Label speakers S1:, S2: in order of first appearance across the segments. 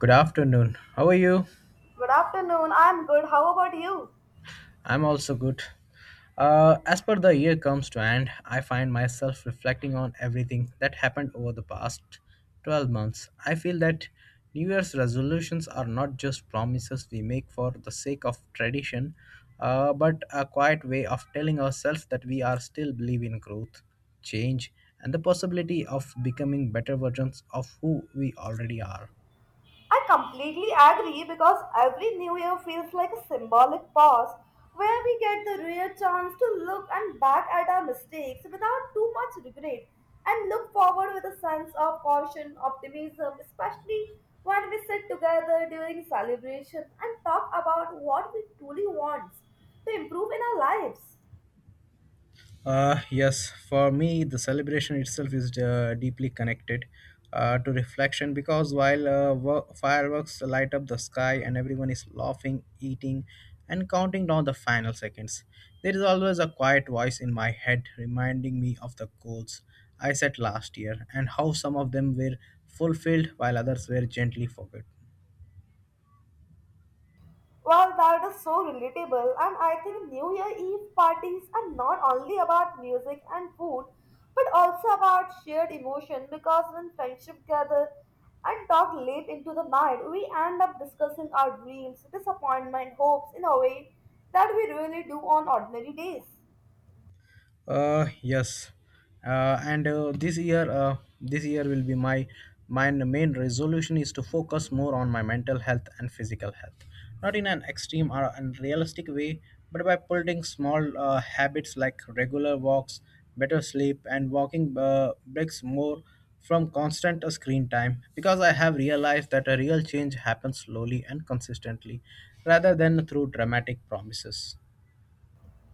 S1: Good afternoon. How are you?
S2: Good afternoon. I'm good. How about you?
S1: I'm also good. As per the year comes to end, I find myself reflecting on everything that happened over the past 12 months. I feel that New Year's resolutions are not just promises we make for the sake of tradition, but a quiet way of telling ourselves that we are still believe in growth, change, and the possibility of becoming better versions of who we already are.
S2: I completely agree because every new year feels like a symbolic pause where we get the rare chance to look and back at our mistakes without too much regret and look forward with a sense of caution, optimism, especially when we sit together during celebration and talk about what we truly want to improve in our lives.
S1: Yes, for me, the celebration itself is deeply connected to reflection because while fireworks light up the sky and everyone is laughing, eating, and counting down the final seconds, there is always a quiet voice in my head reminding me of the goals I set last year and how some of them were fulfilled while others were gently forgotten.
S2: Well, that is so relatable, and I think New Year Eve parties are not only about music and food, but also about shared emotion because when friendship gather and talk late into the night, we end up discussing our dreams, disappointment, hopes in a way that we really do on ordinary days.
S1: Yes, this year will be my main resolution is to focus more on my mental health and physical health, not in an extreme or unrealistic way, but by building small habits like regular walks, better sleep, and walking breaks more from constant screen time. Because I have realized that a real change happens slowly and consistently, rather than through dramatic promises.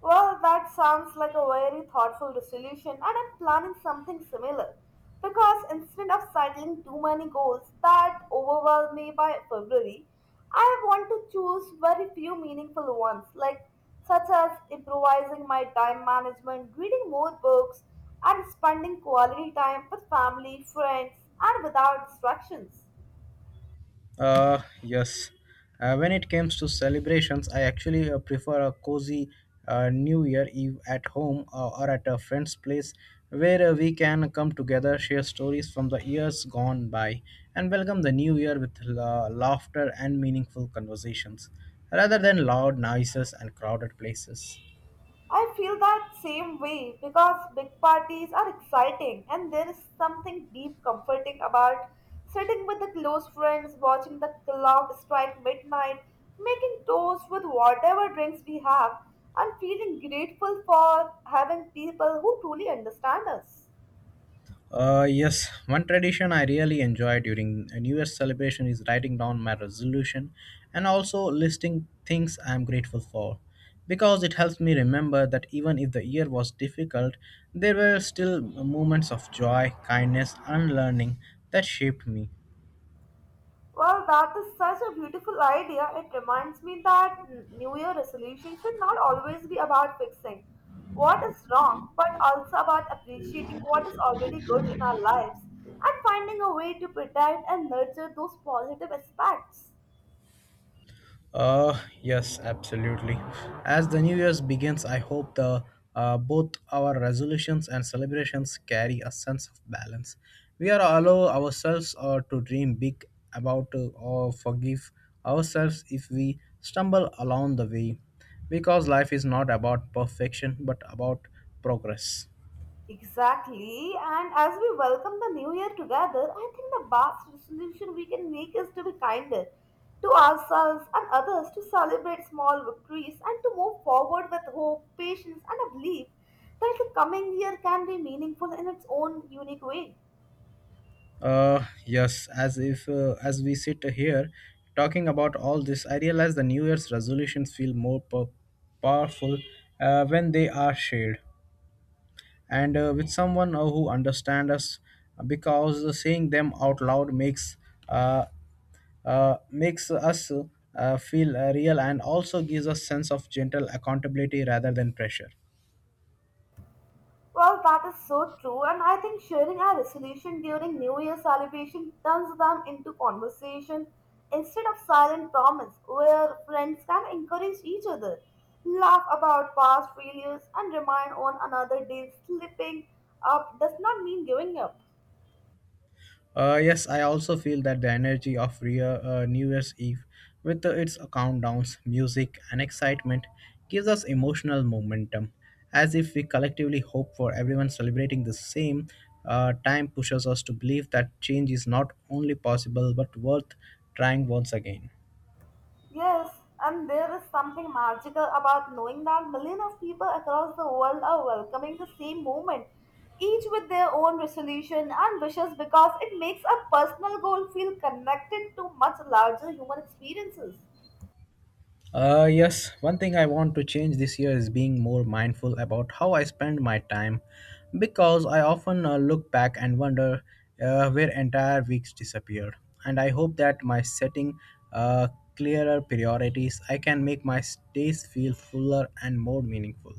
S2: Well, that sounds like a very thoughtful resolution, and I'm planning something similar. Because instead of settling too many goals that overwhelm me by February, I want to choose very few meaningful ones, like such as improvising my time management, reading more books, and spending quality time with family, friends, and without distractions.
S1: Yes. When it comes to celebrations, I actually prefer a cozy New Year Eve at home or at a friend's place where we can come together, share stories from the years gone by, and welcome the new year with laughter and meaningful conversations rather than loud noises and crowded places.
S2: I feel that same way because big parties are exciting and there is something deep comforting about sitting with the close friends, watching the clock strike midnight, making toast with whatever drinks we have, and feeling grateful for having people who truly understand us.
S1: Yes, one tradition I really enjoy during a New Year's celebration is writing down my resolution and also listing things I am grateful for. Because it helps me remember that even if the year was difficult, there were still moments of joy, kindness, and learning that shaped me.
S2: Well, that is such a beautiful idea. It reminds me that New Year resolution should not always be about fixing what is wrong, but also about appreciating what is already good in our lives and finding a way to protect and nurture those positive aspects.
S1: Yes, absolutely. As the new year's begins, I hope the both our resolutions and celebrations carry a sense of balance. We are allow ourselves to dream big about or forgive ourselves if we stumble along the way, because life is not about perfection but about progress.
S2: Exactly, and as we welcome the new year together, I think the best resolution we can make is to be kinder to ourselves and others, to celebrate small victories, and to move forward with hope, patience, and a belief that the coming year can be meaningful in its own unique way.
S1: Yes, as if as we sit here talking about all this, I realize the New Year's resolutions feel more powerful when they are shared and with someone who understands us, because saying them out loud makes uh, makes us feel real and also gives us sense of gentle accountability rather than pressure.
S2: Well, that is so true, and I think sharing our resolution during New Year celebration turns them into conversation instead of silent promise, where friends can encourage each other, laugh about past failures, and remind one another that slipping up does not mean giving up.
S1: Yes, I also feel that the energy of Rio, New Year's Eve, with its countdowns, music, and excitement, gives us emotional momentum, as if we collectively hope for everyone celebrating the same. Time pushes us to believe that change is not only possible but worth trying once again.
S2: Yes, and there is something magical about knowing that millions of people across the world are welcoming the same movement, each with their own resolution and wishes because it makes a personal goal feel connected to much larger human experiences.
S1: Yes, one thing I want to change this year is being more mindful about how I spend my time because I often look back and wonder where entire weeks disappeared. And I hope that my setting uh, clearer priorities, I can make my days feel fuller and more meaningful.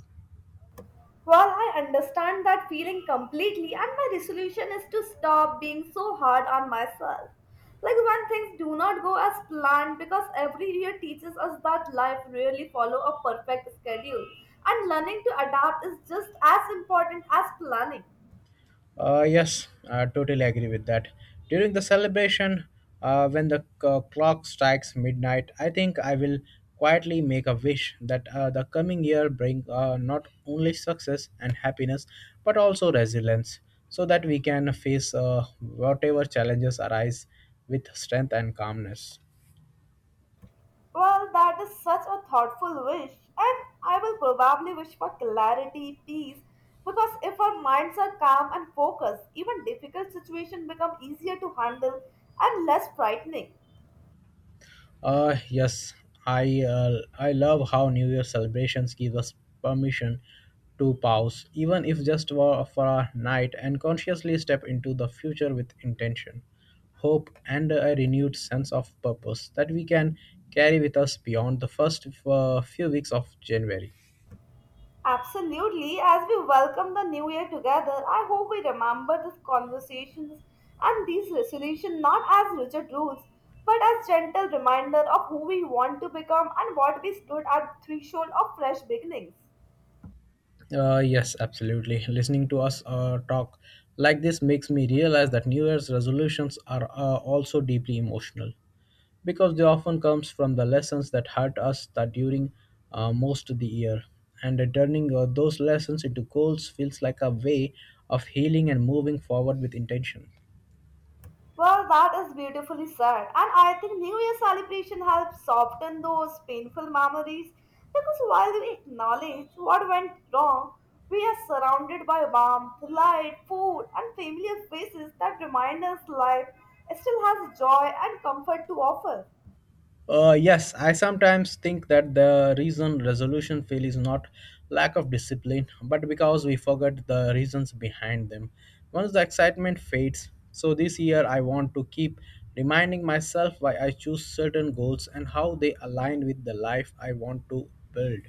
S2: Well, I understand that feeling completely, and my resolution is to stop being so hard on myself. Like when things do not go as planned, because every year teaches us that life rarely follow a perfect schedule, and learning to adapt is just as important as planning.
S1: Yes, I totally agree with that. During the celebration, when the clock strikes midnight, I think I will quietly make a wish that the coming year bring not only success and happiness but also resilience, so that we can face whatever challenges arise with strength and calmness.
S2: Well, that is such a thoughtful wish, and I will probably wish for clarity, peace, because if our minds are calm and focused, even difficult situations become easier to handle and less frightening.
S1: Yes, I uh, I love how New Year celebrations give us permission to pause, even if just for a night, and consciously step into the future with intention, hope, and a renewed sense of purpose that we can carry with us beyond the first few weeks of January.
S2: Absolutely. As we welcome the new year together, I hope we remember these conversations and these resolutions not as rigid rules, but as gentle reminder of who we want to become and what we stood at threshold of fresh beginnings.
S1: Yes, absolutely. Listening to us talk like this makes me realize that New Year's resolutions are also deeply emotional because they often comes from the lessons that hurt us that during most of the year and turning those lessons into goals feels like a way of healing and moving forward with intention.
S2: Well, that is beautifully said. And I think New Year celebration helps soften those painful memories because while we acknowledge what went wrong, we are surrounded by warmth, light, food, and familiar faces that remind us life still has joy and comfort to offer.
S1: Yes, I sometimes think that the reason resolution fail is not lack of discipline, but because we forget the reasons behind them. Once the excitement fades, so this year I want to keep reminding myself why I choose certain goals and how they align with the life I want to build.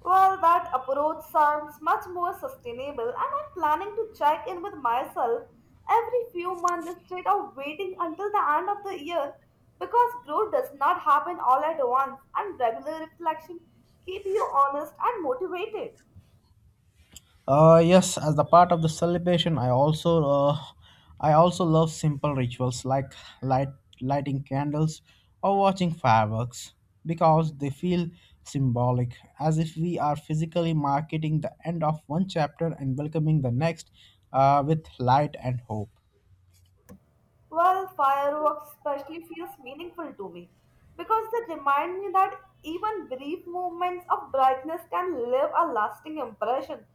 S2: Well, that approach sounds much more sustainable, and I'm planning to check in with myself every few months instead of waiting until the end of the year because growth does not happen all at once, and regular reflection keep you honest and motivated.
S1: Yes, as the part of the celebration, I also love simple rituals like light lighting candles or watching fireworks because they feel symbolic, as if we are physically marking the end of one chapter and welcoming the next with light and hope.
S2: Well, fireworks especially feels meaningful to me because they remind me that even brief moments of brightness can leave a lasting impression.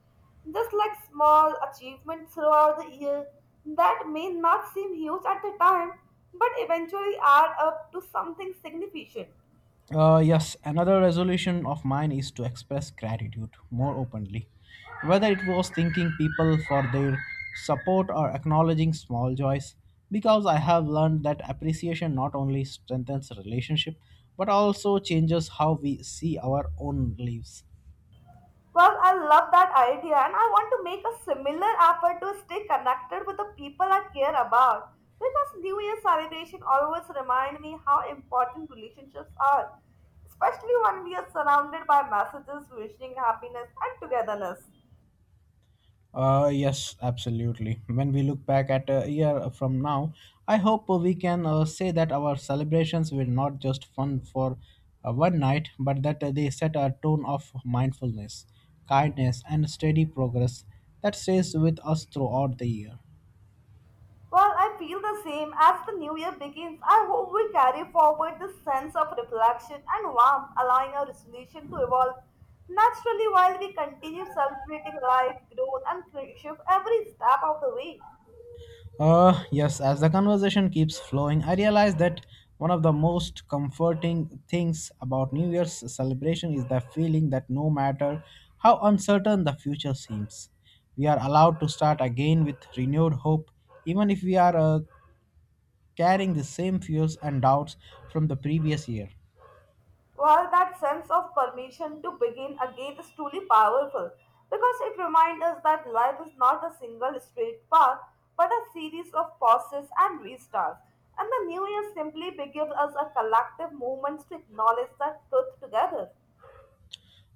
S2: Just like small achievements throughout the year that may not seem huge at the time, but eventually add up to something significant.
S1: Yes, another resolution of mine is to express gratitude more openly. Whether it was thanking people for their support or acknowledging small joys, because I have learned that appreciation not only strengthens relationship but also changes how we see our own lives.
S2: Well, I love that idea, and I want to make a similar effort to stay connected with the people I care about. Because New Year celebration always remind me how important relationships are, especially when we are surrounded by messages wishing happiness and togetherness.
S1: Yes, absolutely. When we look back at a year from now, I hope we can say that our celebrations were not just fun for one night, but that they set a tone of mindfulness, kindness, and steady progress that stays with us throughout the year.
S2: Well, I feel the same. As the new year begins, I hope we carry forward this sense of reflection and warmth, allowing our resolution to evolve naturally while we continue celebrating life, growth, and friendship every step of the way.
S1: Yes, as the conversation keeps flowing, I realize that one of the most comforting things about New Year's celebration is the feeling that no matter how uncertain the future seems, we are allowed to start again with renewed hope, even if we are carrying the same fears and doubts from the previous year.
S2: Well, that sense of permission to begin again is truly powerful because it reminds us that life is not a single straight path but a series of pauses and restarts. And the new year simply gives us a collective moment to acknowledge that truth together.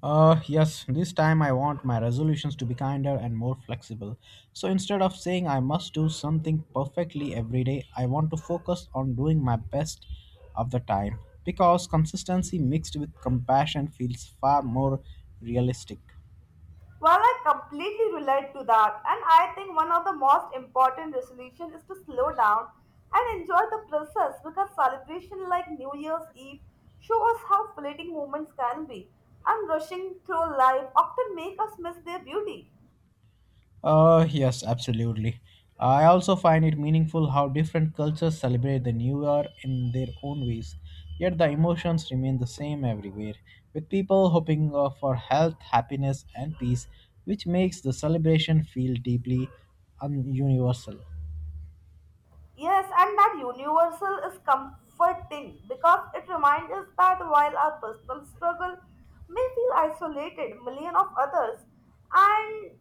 S1: Yes, this time I want my resolutions to be kinder and more flexible. So instead of saying I must do something perfectly every day, I want to focus on doing my best of the time because consistency mixed with compassion feels far more realistic.
S2: Well, I completely relate to that, and I think one of the most important resolutions is to slow down and enjoy the process because celebration like New Year's Eve show us how fleeting moments can be, and rushing through life often make us miss their beauty.
S1: Yes, absolutely. I also find it meaningful how different cultures celebrate the new year in their own ways, yet the emotions remain the same everywhere, with people hoping for health, happiness, and peace, which makes the celebration feel deeply universal.
S2: Yes, and that universal is comforting because it reminds us that while our personal struggle may feel isolated, million of others, and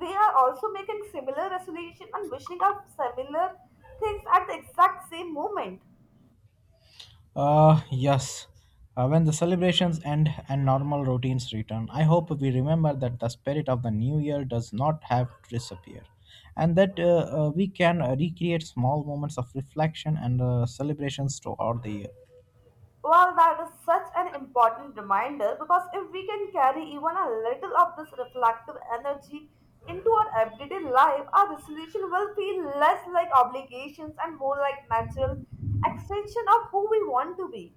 S2: they are also making similar resolution and wishing out similar things at the exact same moment.
S1: Yes. When the celebrations end and normal routines return, I hope we remember that the spirit of the new year does not have to disappear and that we can recreate small moments of reflection and celebrations throughout the year.
S2: Well, that is such an important reminder because if we can carry even a little of this reflective energy into our everyday life, our resolution will feel less like obligations and more like natural extension of who we want to be.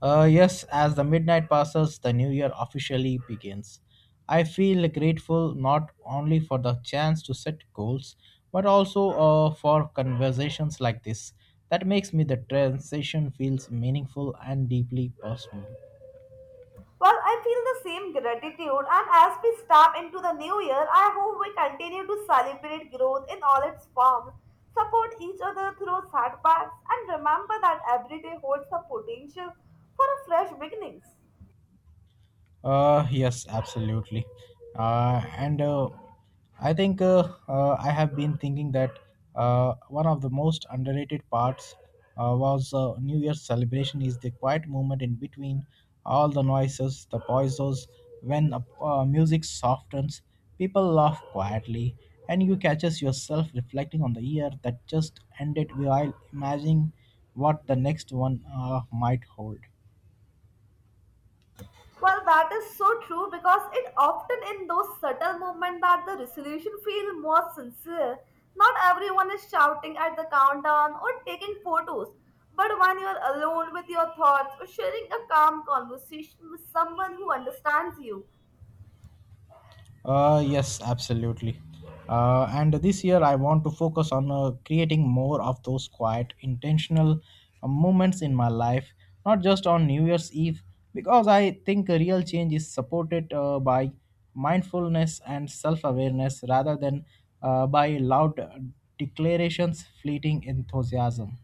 S1: Yes, as the midnight passes, the new year officially begins. I feel grateful not only for the chance to set goals, but also for conversations like this. That makes me the transition feels meaningful and deeply personal.
S2: Well, I feel the same gratitude, and as we step into the new year, I hope we continue to celebrate growth in all its forms, support each other through setbacks, and remember that every day holds the potential for a fresh beginnings.
S1: Yes, absolutely. And I think I have been thinking that one of the most underrated parts was New Year's celebration is the quiet moment in between all the noises, the pauses, when music softens, people laugh quietly, and you catches yourself reflecting on the year that just ended while imagining what the next one might hold.
S2: Well, that is so true because it often in those subtle moments that the resolution feels more sincere. Not everyone is shouting at the countdown or taking photos, but when you are alone with your thoughts or sharing a calm conversation with someone who understands you,
S1: Yes, absolutely. And this year, I want to focus on creating more of those quiet, intentional moments in my life, not just on New Year's Eve, because I think a real change is supported by mindfulness and self awareness rather than by loud declarations, fleeting enthusiasm.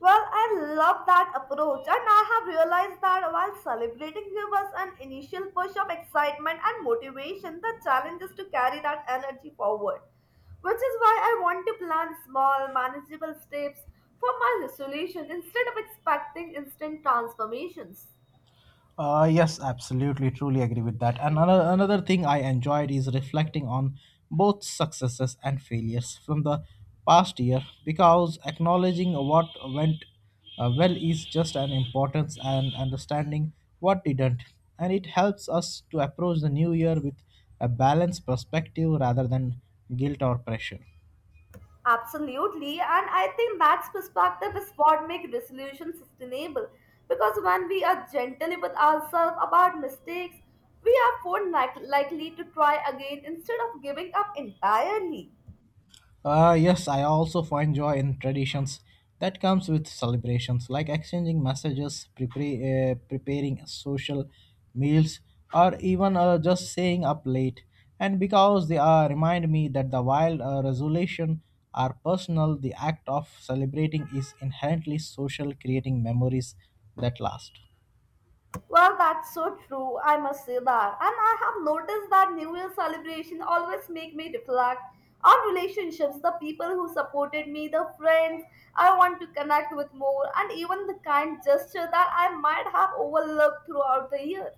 S2: Well, I love that approach, and I have realized that while celebrating gives us an initial push of excitement and motivation, the challenge is to carry that energy forward. Which is why I want to plan small, manageable steps for my resolution instead of expecting instant transformations.
S1: Yes, absolutely, truly agree with that. And another thing I enjoyed is reflecting on both successes and failures from the past year because acknowledging what went well is just an importance and understanding what didn't. And it helps us to approach the new year with a balanced perspective rather than guilt or pressure.
S2: Absolutely, and I think that perspective is what makes resolution sustainable. Because when we are gentle with ourselves about mistakes, we are more likely to try again instead of giving up entirely.
S1: Yes, I also find joy in traditions that comes with celebrations, like exchanging messages, preparing social meals, or even just staying up late. And because they remind me that the wild resolution are personal, the act of celebrating is inherently social, creating memories that last.
S2: Well, that's so true. I must say that, and I have noticed that New Year celebration always make me reflect on relationships, the people who supported me, the friends I want to connect with more, and even the kind gesture that I might have overlooked throughout the year.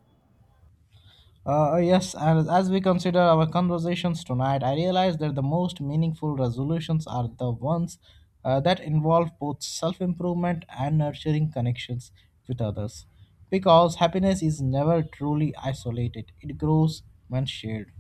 S1: Yes, and as we consider our conversations tonight, I realize that the most meaningful resolutions are the ones that involve both self improvement and nurturing connections with others. Because happiness is never truly isolated, it grows when shared.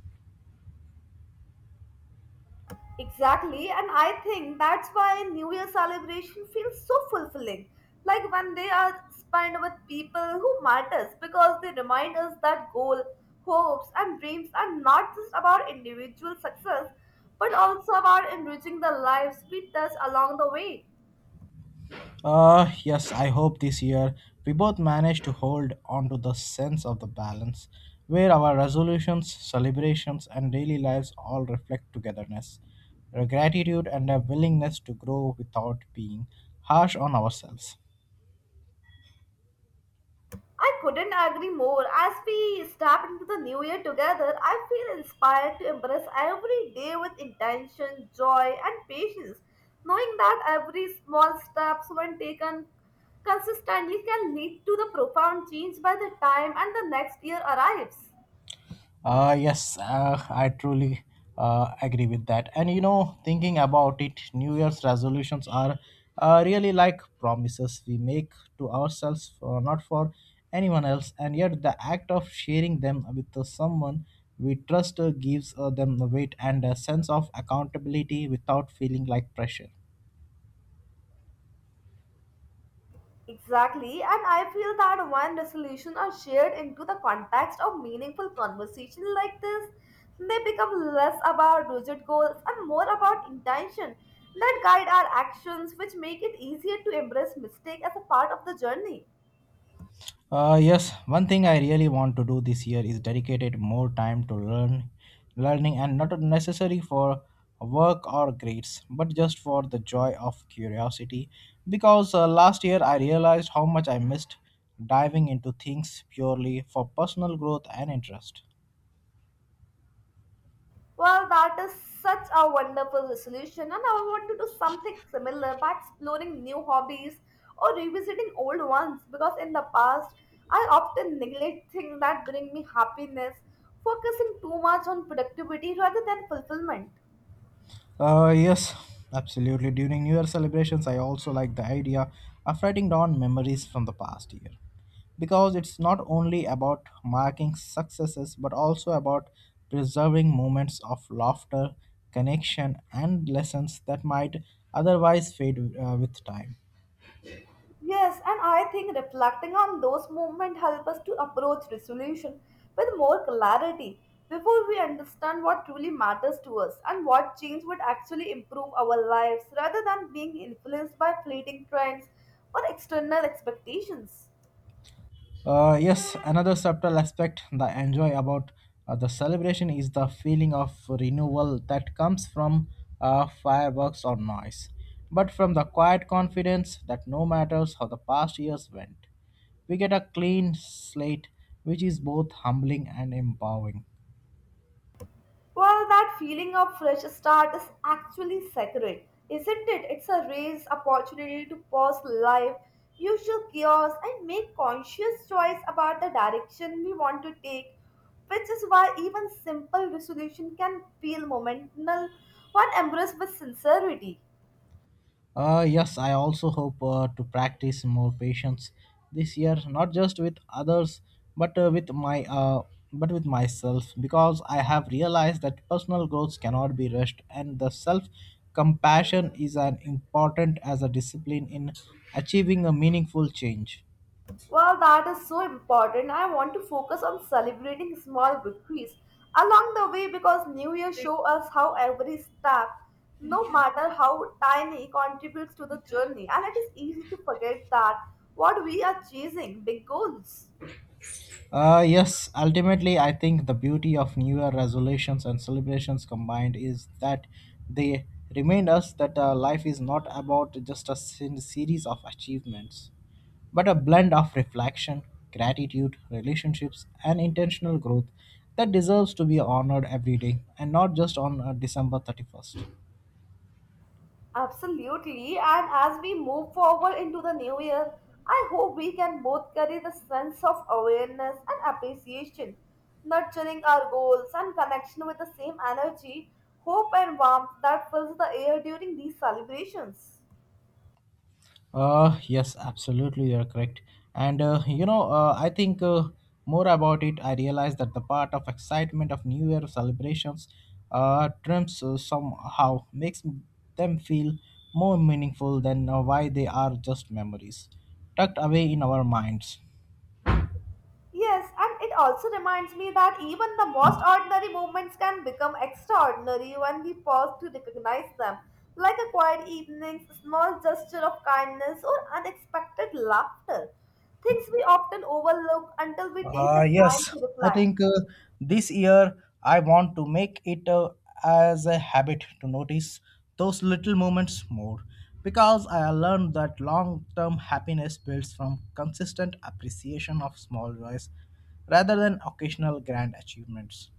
S2: Exactly, and I think that's why New Year celebration feels so fulfilling. Like when they are spent with people who matters because they remind us that goal, hopes and dreams are not just about individual success but also about enriching the lives we touch along the way.
S1: Yes, I hope this year we both manage to hold on to the sense of the balance where our resolutions, celebrations, and daily lives all reflect togetherness, a gratitude, and a willingness to grow without being harsh on ourselves.
S2: I couldn't agree more. As we step into the new year together, I feel inspired to embrace every day with intention, joy, and patience, knowing that every small steps when taken consistently can lead to the profound change by the time and the next year arrives.
S1: Yes, I truly agree with that. And you know, thinking about it, New Year's resolutions are really like promises we make to ourselves, not for anyone else. And yet, the act of sharing them with someone we trust gives them the weight and a sense of accountability without feeling like pressure.
S2: Exactly, and I feel that when resolutions are shared into the context of meaningful conversation like this, they become less about rigid goals and more about intention that guide our actions, which make it easier to embrace mistake as a part of the journey.
S1: Yes, one thing I really want to do this year is dedicated more time to learn, learning, and not necessary for work or grades, but just for the joy of curiosity. Because last year I realized how much I missed diving into things purely for personal growth and interest.
S2: Well, that is such a wonderful resolution, and I want to do something similar by exploring new hobbies or revisiting old ones because in the past I often neglect things that bring me happiness, focusing too much on productivity rather than fulfillment.
S1: Uh, yes, absolutely. During New Year celebrations, I also like the idea of writing down memories from the past year. Because it's not only about marking successes, but also about preserving moments of laughter, connection, and lessons that might otherwise fade with time.
S2: Yes, and I think reflecting on those moments help us to approach resolution with more clarity before we understand what truly matters to us and what change would actually improve our lives rather than being influenced by fleeting trends or external expectations.
S1: Yes, another subtle aspect that I enjoy about the celebration is the feeling of renewal that comes from fireworks or noise, but from the quiet confidence that no matter how the past years went, we get a clean slate, which is both humbling and empowering.
S2: Well, that feeling of fresh start is actually sacred, isn't it? It's a raised opportunity to pause life, usual chaos, and make conscious choice about the direction we want to take, which is why even simple resolution can feel momental when embraced with sincerity.
S1: Yes, I also hope to practice more patience this year, not just with others, but with my but with myself, because I have realized that personal growth cannot be rushed, and the self compassion is as important as a discipline in achieving a meaningful change.
S2: Well, that is so important. I want to focus on celebrating small victories along the way because New Year show us how every step, no matter how tiny, contributes to the journey, and it is easy to forget that what we are chasing, big goals.
S1: Yes, ultimately, I think the beauty of New Year resolutions and celebrations combined is that they remind us that life is not about just series of achievements, but a blend of reflection, gratitude, relationships, and intentional growth that deserves to be honored every day and not just on December 31st.
S2: Absolutely. And as we move forward into the new year, I hope we can both carry the sense of awareness and appreciation, nurturing our goals and connection with the same energy, hope, and warmth that fills the air during these celebrations.
S1: You're correct. And you know, I think more about it, I realized that the part of excitement of New Year celebrations trims somehow makes them feel more meaningful than why they are just memories tucked away in our minds.
S2: Yes, and it also reminds me that even the most ordinary moments can become extraordinary when we pause to recognize them, like a quiet evening, a small gesture of kindness, or unexpected laughter. Things we often overlook until we take the
S1: Uh,
S2: time
S1: yes,
S2: to
S1: I
S2: reflect.
S1: think this year I want to make it as a habit to notice those little moments more because I learned that long term happiness builds from consistent appreciation of small joys rather than occasional grand achievements.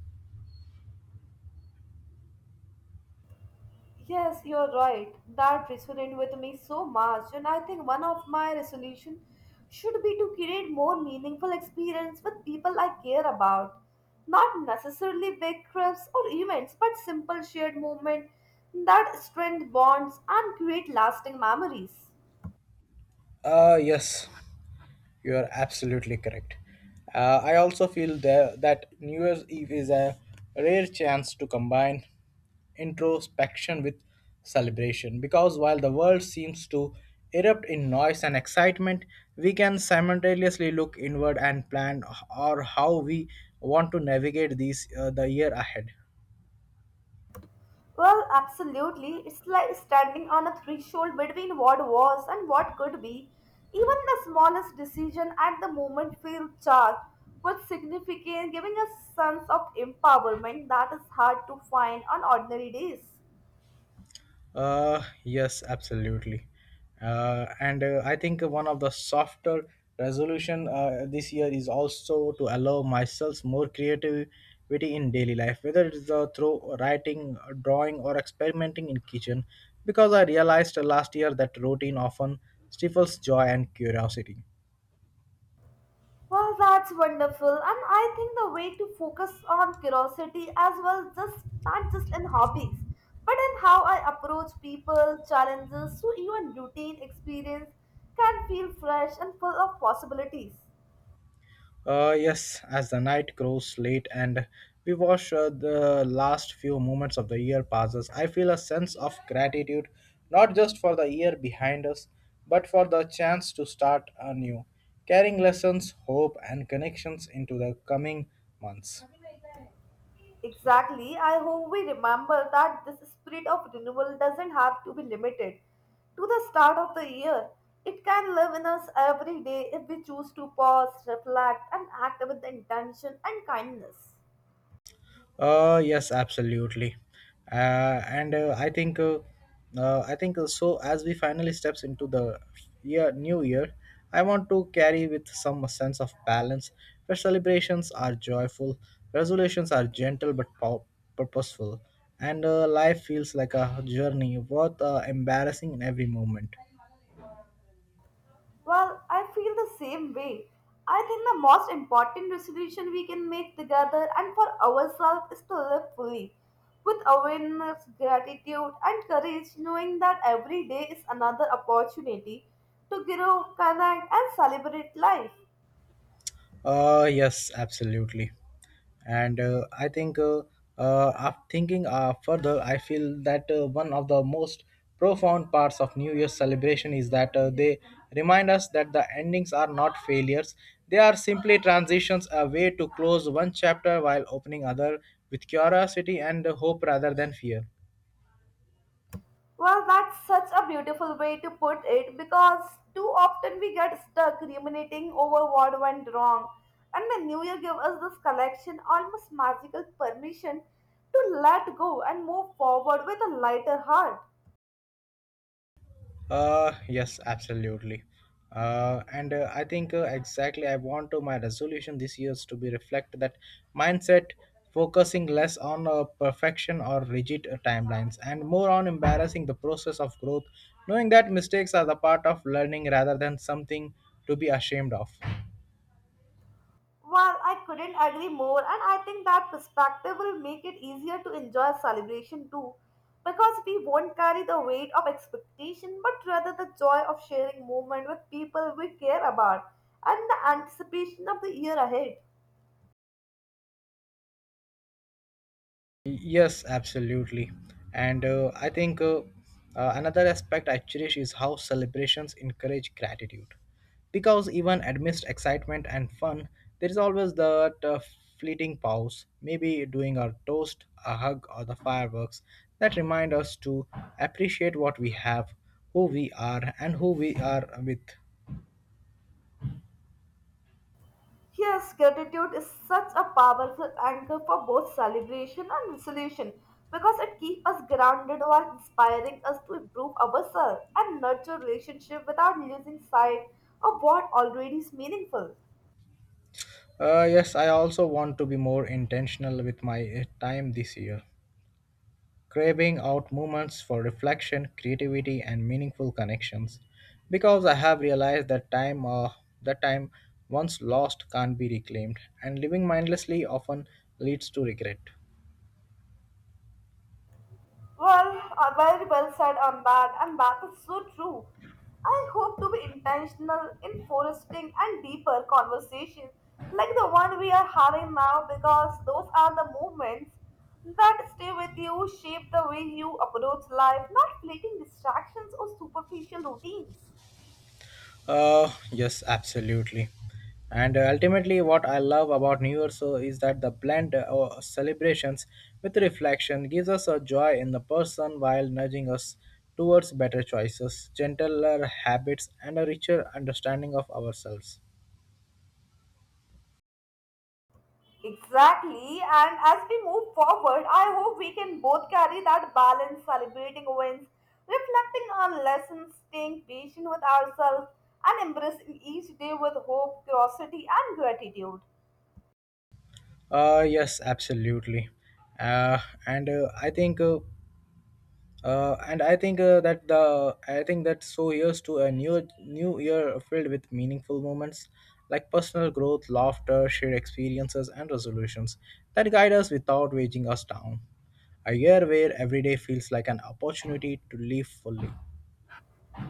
S2: Yes, you're right. That resonated with me so much, and I think one of my resolution should be to create more meaningful experience with people I care about. Not necessarily big trips or events, but simple shared moments that strengthen bonds and create lasting memories.
S1: Yes. You are absolutely correct. I also feel that New Year's Eve is a rare chance to combine introspection with celebration because while the world seems to erupt in noise and excitement, we can simultaneously look inward and plan or how we want to navigate these the year ahead.
S2: Well, absolutely. It's like standing on a threshold between what was and what could be. Even the smallest decision at the moment feels charged with significance, giving a sense of empowerment that is hard to find on ordinary days.
S1: Yes, absolutely. And I think one of the softer resolution this year is also to allow myself more creativity in daily life, whether it's through writing, drawing, or experimenting in kitchen. Because I realized last year that routine often stifles joy and curiosity.
S2: Well, that's wonderful. And I think the way to focus on curiosity as well, just not just in hobbies, but in how I approach people, challenges, so even routine experience can feel fresh and full of possibilities.
S1: Yes, as the night grows late and we watch the last few moments of the year passes, I feel a sense of gratitude not just for the year behind us, but for the chance to start anew, carrying lessons, hope, and connections into the coming months.
S2: Exactly. I hope we remember that this spirit of renewal doesn't have to be limited to the start of the year. It can live in us every day if we choose to pause, reflect, and act with intention and kindness.
S1: Yes, absolutely. And I think so. As we finally steps into the year, new year, I want to carry with some sense of balance. Where celebrations are joyful, resolutions are purposeful, and life feels like a journey worth embarrassing in every moment.
S2: Well, I feel the same way. I think the most important resolution we can make together and for ourselves is to live fully with awareness, gratitude, and courage, knowing that every day is another opportunity to grow, connect, and celebrate life.
S1: Yes, absolutely. And I think, af- thinking further, I feel that one of the most profound parts of New Year's celebration is that they remind us that the endings are not failures. They are simply transitions, a way to close one chapter while opening other with curiosity and hope rather than fear.
S2: Well, that's such a beautiful way to put it because too often we get stuck ruminating over what went wrong. And the New Year gave us this collection, almost magical permission to let go and move forward with a lighter heart.
S1: Yes, absolutely. And I think exactly I want to my resolution this year is to be reflect that mindset, focusing less on perfection or rigid timelines and more on embarrassing the process of growth, knowing that mistakes are the part of learning rather than something to be ashamed of.
S2: Well, I couldn't agree more, and I think that perspective will make it easier to enjoy celebration too, because we won't carry the weight of expectation, but rather the joy of sharing moment with people we care about and the anticipation of the year ahead.
S1: Yes, absolutely. And I think another aspect I cherish is how celebrations encourage gratitude. Because even amidst excitement and fun, there is always that fleeting pause, maybe doing a toast, a hug, or the fireworks that remind us to appreciate what we have, who we are, and who we are with.
S2: Yes, gratitude is such a powerful anchor for both celebration and resolution because it keeps us grounded while inspiring us to improve ourselves and nurture relationship without losing sight of what already is meaningful.
S1: Yes, I also want to be more intentional with my time this year craving out moments for reflection, creativity, and meaningful connections. Because I have realized that time once lost can't be reclaimed, and living mindlessly often leads to regret.
S2: Well, very well said on that, and that is so true. I hope to be intentional in foresting and deeper conversations like the one we are having now because those are the moments that stay with you, shape the way you approach life, not fleeting distractions or superficial routines.
S1: Yes, absolutely. And ultimately, what I love about New Year's is that the blend of celebrations with reflection gives us a joy in the person while nudging us towards better choices, gentler habits, and a richer understanding of ourselves.
S2: Exactly, and as we move forward, I hope we can both carry that balance, celebrating wins, reflecting on lessons, staying patient with ourselves, and embracing each day with hope, curiosity, and gratitude.
S1: Yes, absolutely. Uh, and I think, and I think that the I think that so here's to a new year filled with meaningful moments like personal growth, laughter, shared experiences, and resolutions that guide us without weighing us down. A year where every day feels like an opportunity to live fully.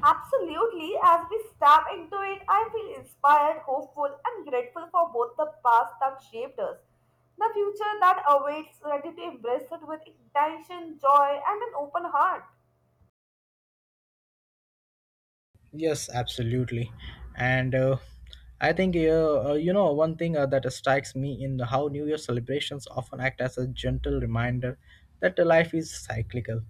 S2: Absolutely, as we step into it, I feel inspired, hopeful, and grateful for both the past that shaped us, the future that awaits, ready to embrace it with intention, joy, and an open heart.
S1: Yes, absolutely. And I think, you know, one thing that strikes me in how New Year celebrations often act as a gentle reminder that the life is cyclical,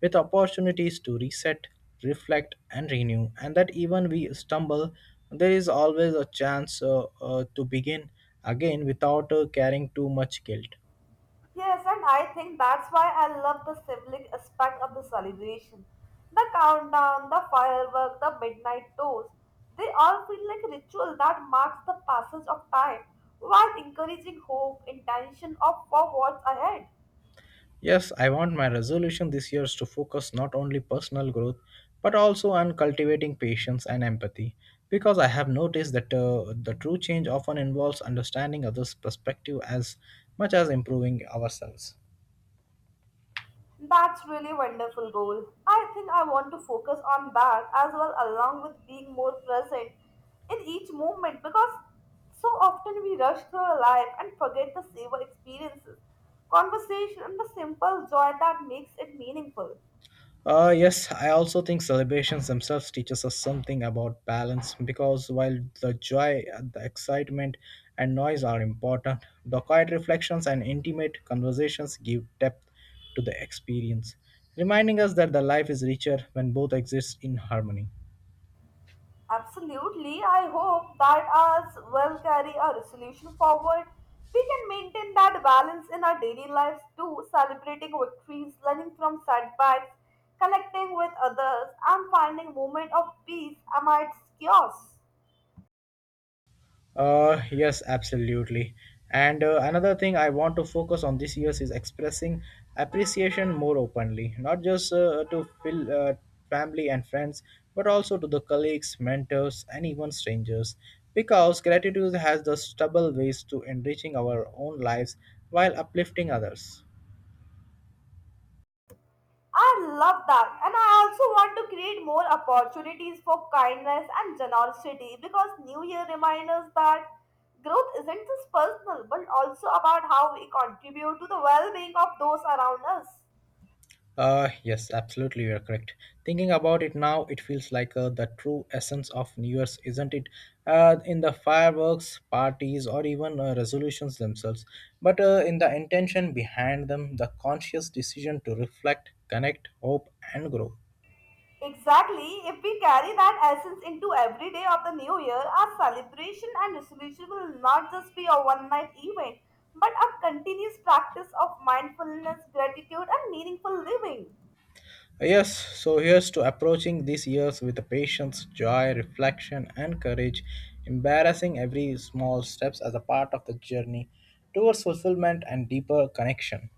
S1: with opportunities to reset, reflect, and renew, and that even we stumble, there is always a chance to begin again without carrying too much guilt.
S2: Yes, and I think that's why I love the sibling aspect of the celebration. The countdown, the firework, the midnight toast, they all feel like ritual that marks the passage of time while encouraging hope, intention of for what's ahead.
S1: Yes, I want my resolution this year is to focus not only personal growth but also on cultivating patience and empathy because I have noticed that the true change often involves understanding others' perspective as much as improving ourselves.
S2: That's really wonderful goal. I think I want to focus on that as well along with being more present in each moment because so often we rush through our life and forget the savor experiences, conversation and the simple joy that makes it meaningful.
S1: Yes, I also think celebrations themselves teaches us something about balance because while the joy, the excitement, and noise are important, the quiet reflections and intimate conversations give depth to the experience, reminding us that the life is richer when both exist in harmony.
S2: Absolutely. I hope that as we'll carry a resolution forward. We can maintain that balance in our daily lives too, celebrating victories, learning from setbacks, connecting with others, and finding moment of peace amidst chaos.
S1: Yes, absolutely. And another thing I want to focus on this year is expressing appreciation more openly, not just to family and friends, but also to the colleagues, mentors, and even strangers. Because gratitude has the stubborn ways to enriching our own lives while uplifting others.
S2: I love that. And I also want to create more opportunities for kindness and generosity because New Year reminds us that growth isn't just personal but also about how we contribute to the well being of those around us.
S1: You're correct. Thinking about it now, it feels like the true essence of New Year's, isn't it? In the fireworks, parties, or even resolutions themselves, but in the intention behind them, the conscious decision to reflect, connect, hope, and grow.
S2: Exactly. If we carry that essence into every day of the new year, our celebration and resolution will not just be a one night event, but a continuous practice of mindfulness, gratitude, and meaningful living.
S1: Uh, Yes, so here's to approaching these years with patience, joy, reflection, and courage, embarrassing every small steps as a part of the journey towards fulfillment and deeper connection.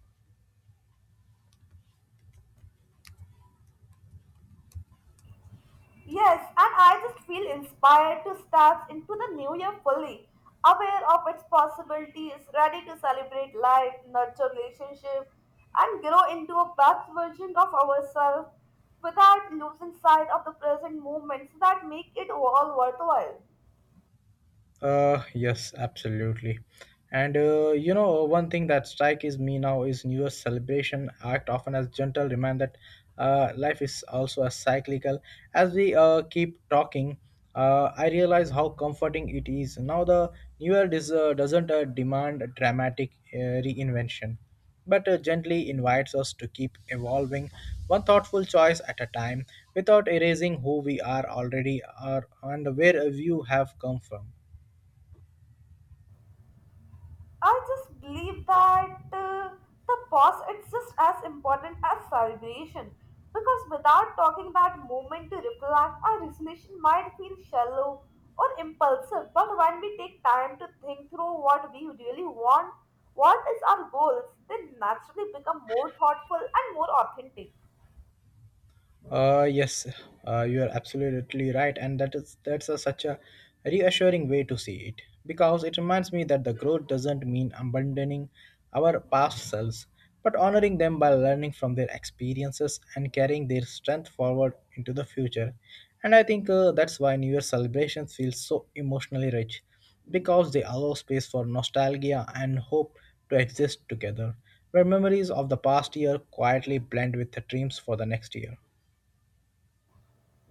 S2: Yes, and I just feel inspired to step into the new year fully, aware of its possibilities, ready to celebrate life, nurture relationship, and grow into a best version of ourselves without losing sight of the present moments that make it all worthwhile.
S1: Yes, absolutely. One thing that strikes me now is New Year's celebration act often as gentle reminder that life is also a cyclical. As we keep talking, I realize how comforting it is. Now the New Year doesn't demand a dramatic reinvention, but gently invites us to keep evolving one thoughtful choice at a time without erasing who we are already are and where you have come from.
S2: I just believe that the pause is just as important as celebration because without talking that moment to reflect, our resolution might feel shallow or impulsive. But when we take time to think through what we really want, what is our goals, they naturally become more thoughtful and more authentic.
S1: Uh, yes, you are absolutely right, and that's such a reassuring way to see it because it reminds me that the growth doesn't mean abandoning our past selves, but honoring them by learning from their experiences and carrying their strength forward into the future. And I think that's why New Year celebrations feel so emotionally rich because they allow space for nostalgia and hope to exist together, where memories of the past year quietly blend with the dreams for the next year.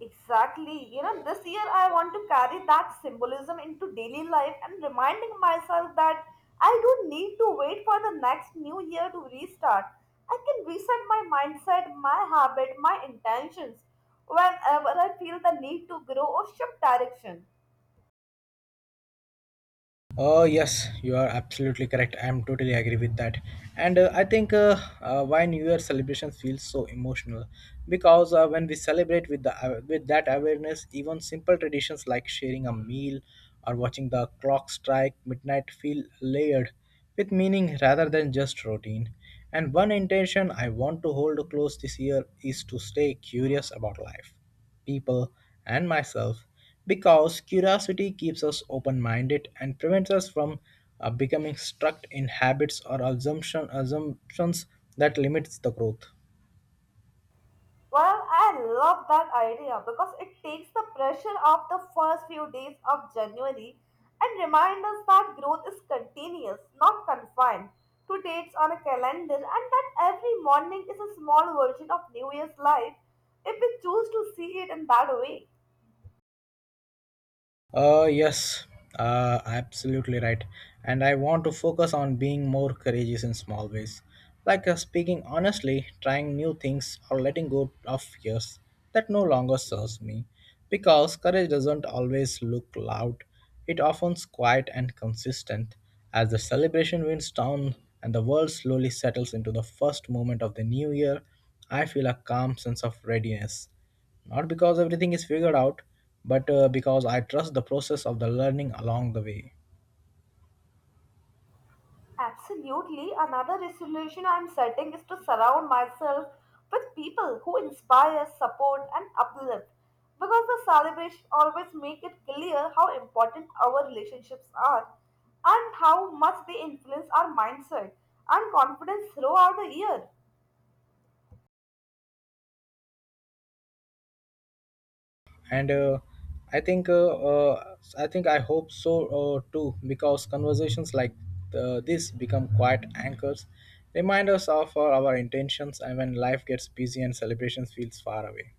S2: Exactly. You know, this year I want to carry that symbolism into daily life and reminding myself that I don't need to wait for the next new year to restart. I can reset my mindset, my habit, my intentions whenever I feel the need to grow or shift direction.
S1: Yes, you are absolutely correct. I'm totally agree with that. And I think why New Year celebrations feel so emotional because when we celebrate with the with that awareness, even simple traditions like sharing a meal or watching the clock strike midnight feel layered with meaning rather than just routine. And one intention I want to hold close this year is to stay curious about life people, and myself because curiosity keeps us open minded and prevents us from becoming stuck in habits or assumptions that limits the growth.
S2: Well, I love that idea because it takes the pressure off the first few days of January and reminds us that growth is continuous, not confined to dates on a calendar, and that every morning is a small version of New Year's life if we choose to see it in that way.
S1: Uh, yes, absolutely right. And I want to focus on being more courageous in small ways, like speaking honestly, trying new things, or letting go of fears that no longer serves me. Because courage doesn't always look loud, it often's quiet and consistent. As the celebration winds down and the world slowly settles into the first moment of the new year, I feel a calm sense of readiness not because everything is figured out, but because I trust the process of the learning along the way.
S2: Absolutely. Another resolution I'm setting is to surround myself with people who inspire, support, and uplift. Because the celebration always make it clear how important our relationships are and how much they influence our mindset and confidence throughout the year.
S1: And I think, I think I hope so too, because conversations like this become quiet anchors, reminders of our intentions, and when life gets busy and celebrations feels far away.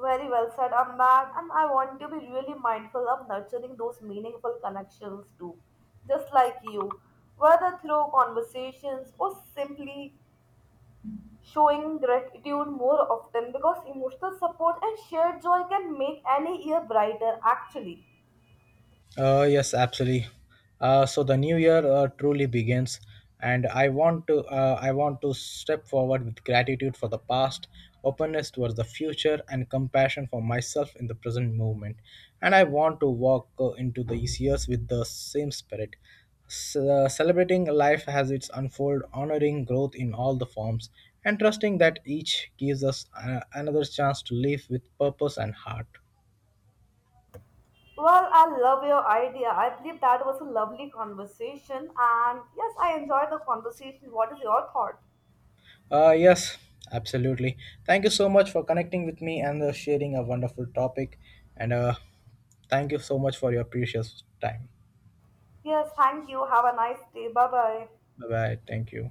S2: Very well said on that, and I want to be really mindful of nurturing those meaningful connections too, just like you, whether through conversations or simply showing gratitude more often because emotional support and shared joy can make any year brighter, actually.
S1: Yes, absolutely. So the new year truly begins, and I want to step forward with gratitude for the past, openness towards the future, and compassion for myself in the present moment. And I want to walk into these years with the same spirit, celebrating life as it's unfold, honoring growth in all the forms, and trusting that each gives us another chance to live with purpose and heart.
S2: Well, I love your idea. I believe that was a lovely conversation, and yes, I enjoyed the conversation. What is your thought?
S1: Uh, yes, absolutely. Thank you so much for connecting with me and sharing a wonderful topic. And thank you so much for your precious time.
S2: Yes, thank you. Have a nice day. Bye bye.
S1: Bye bye. Thank you.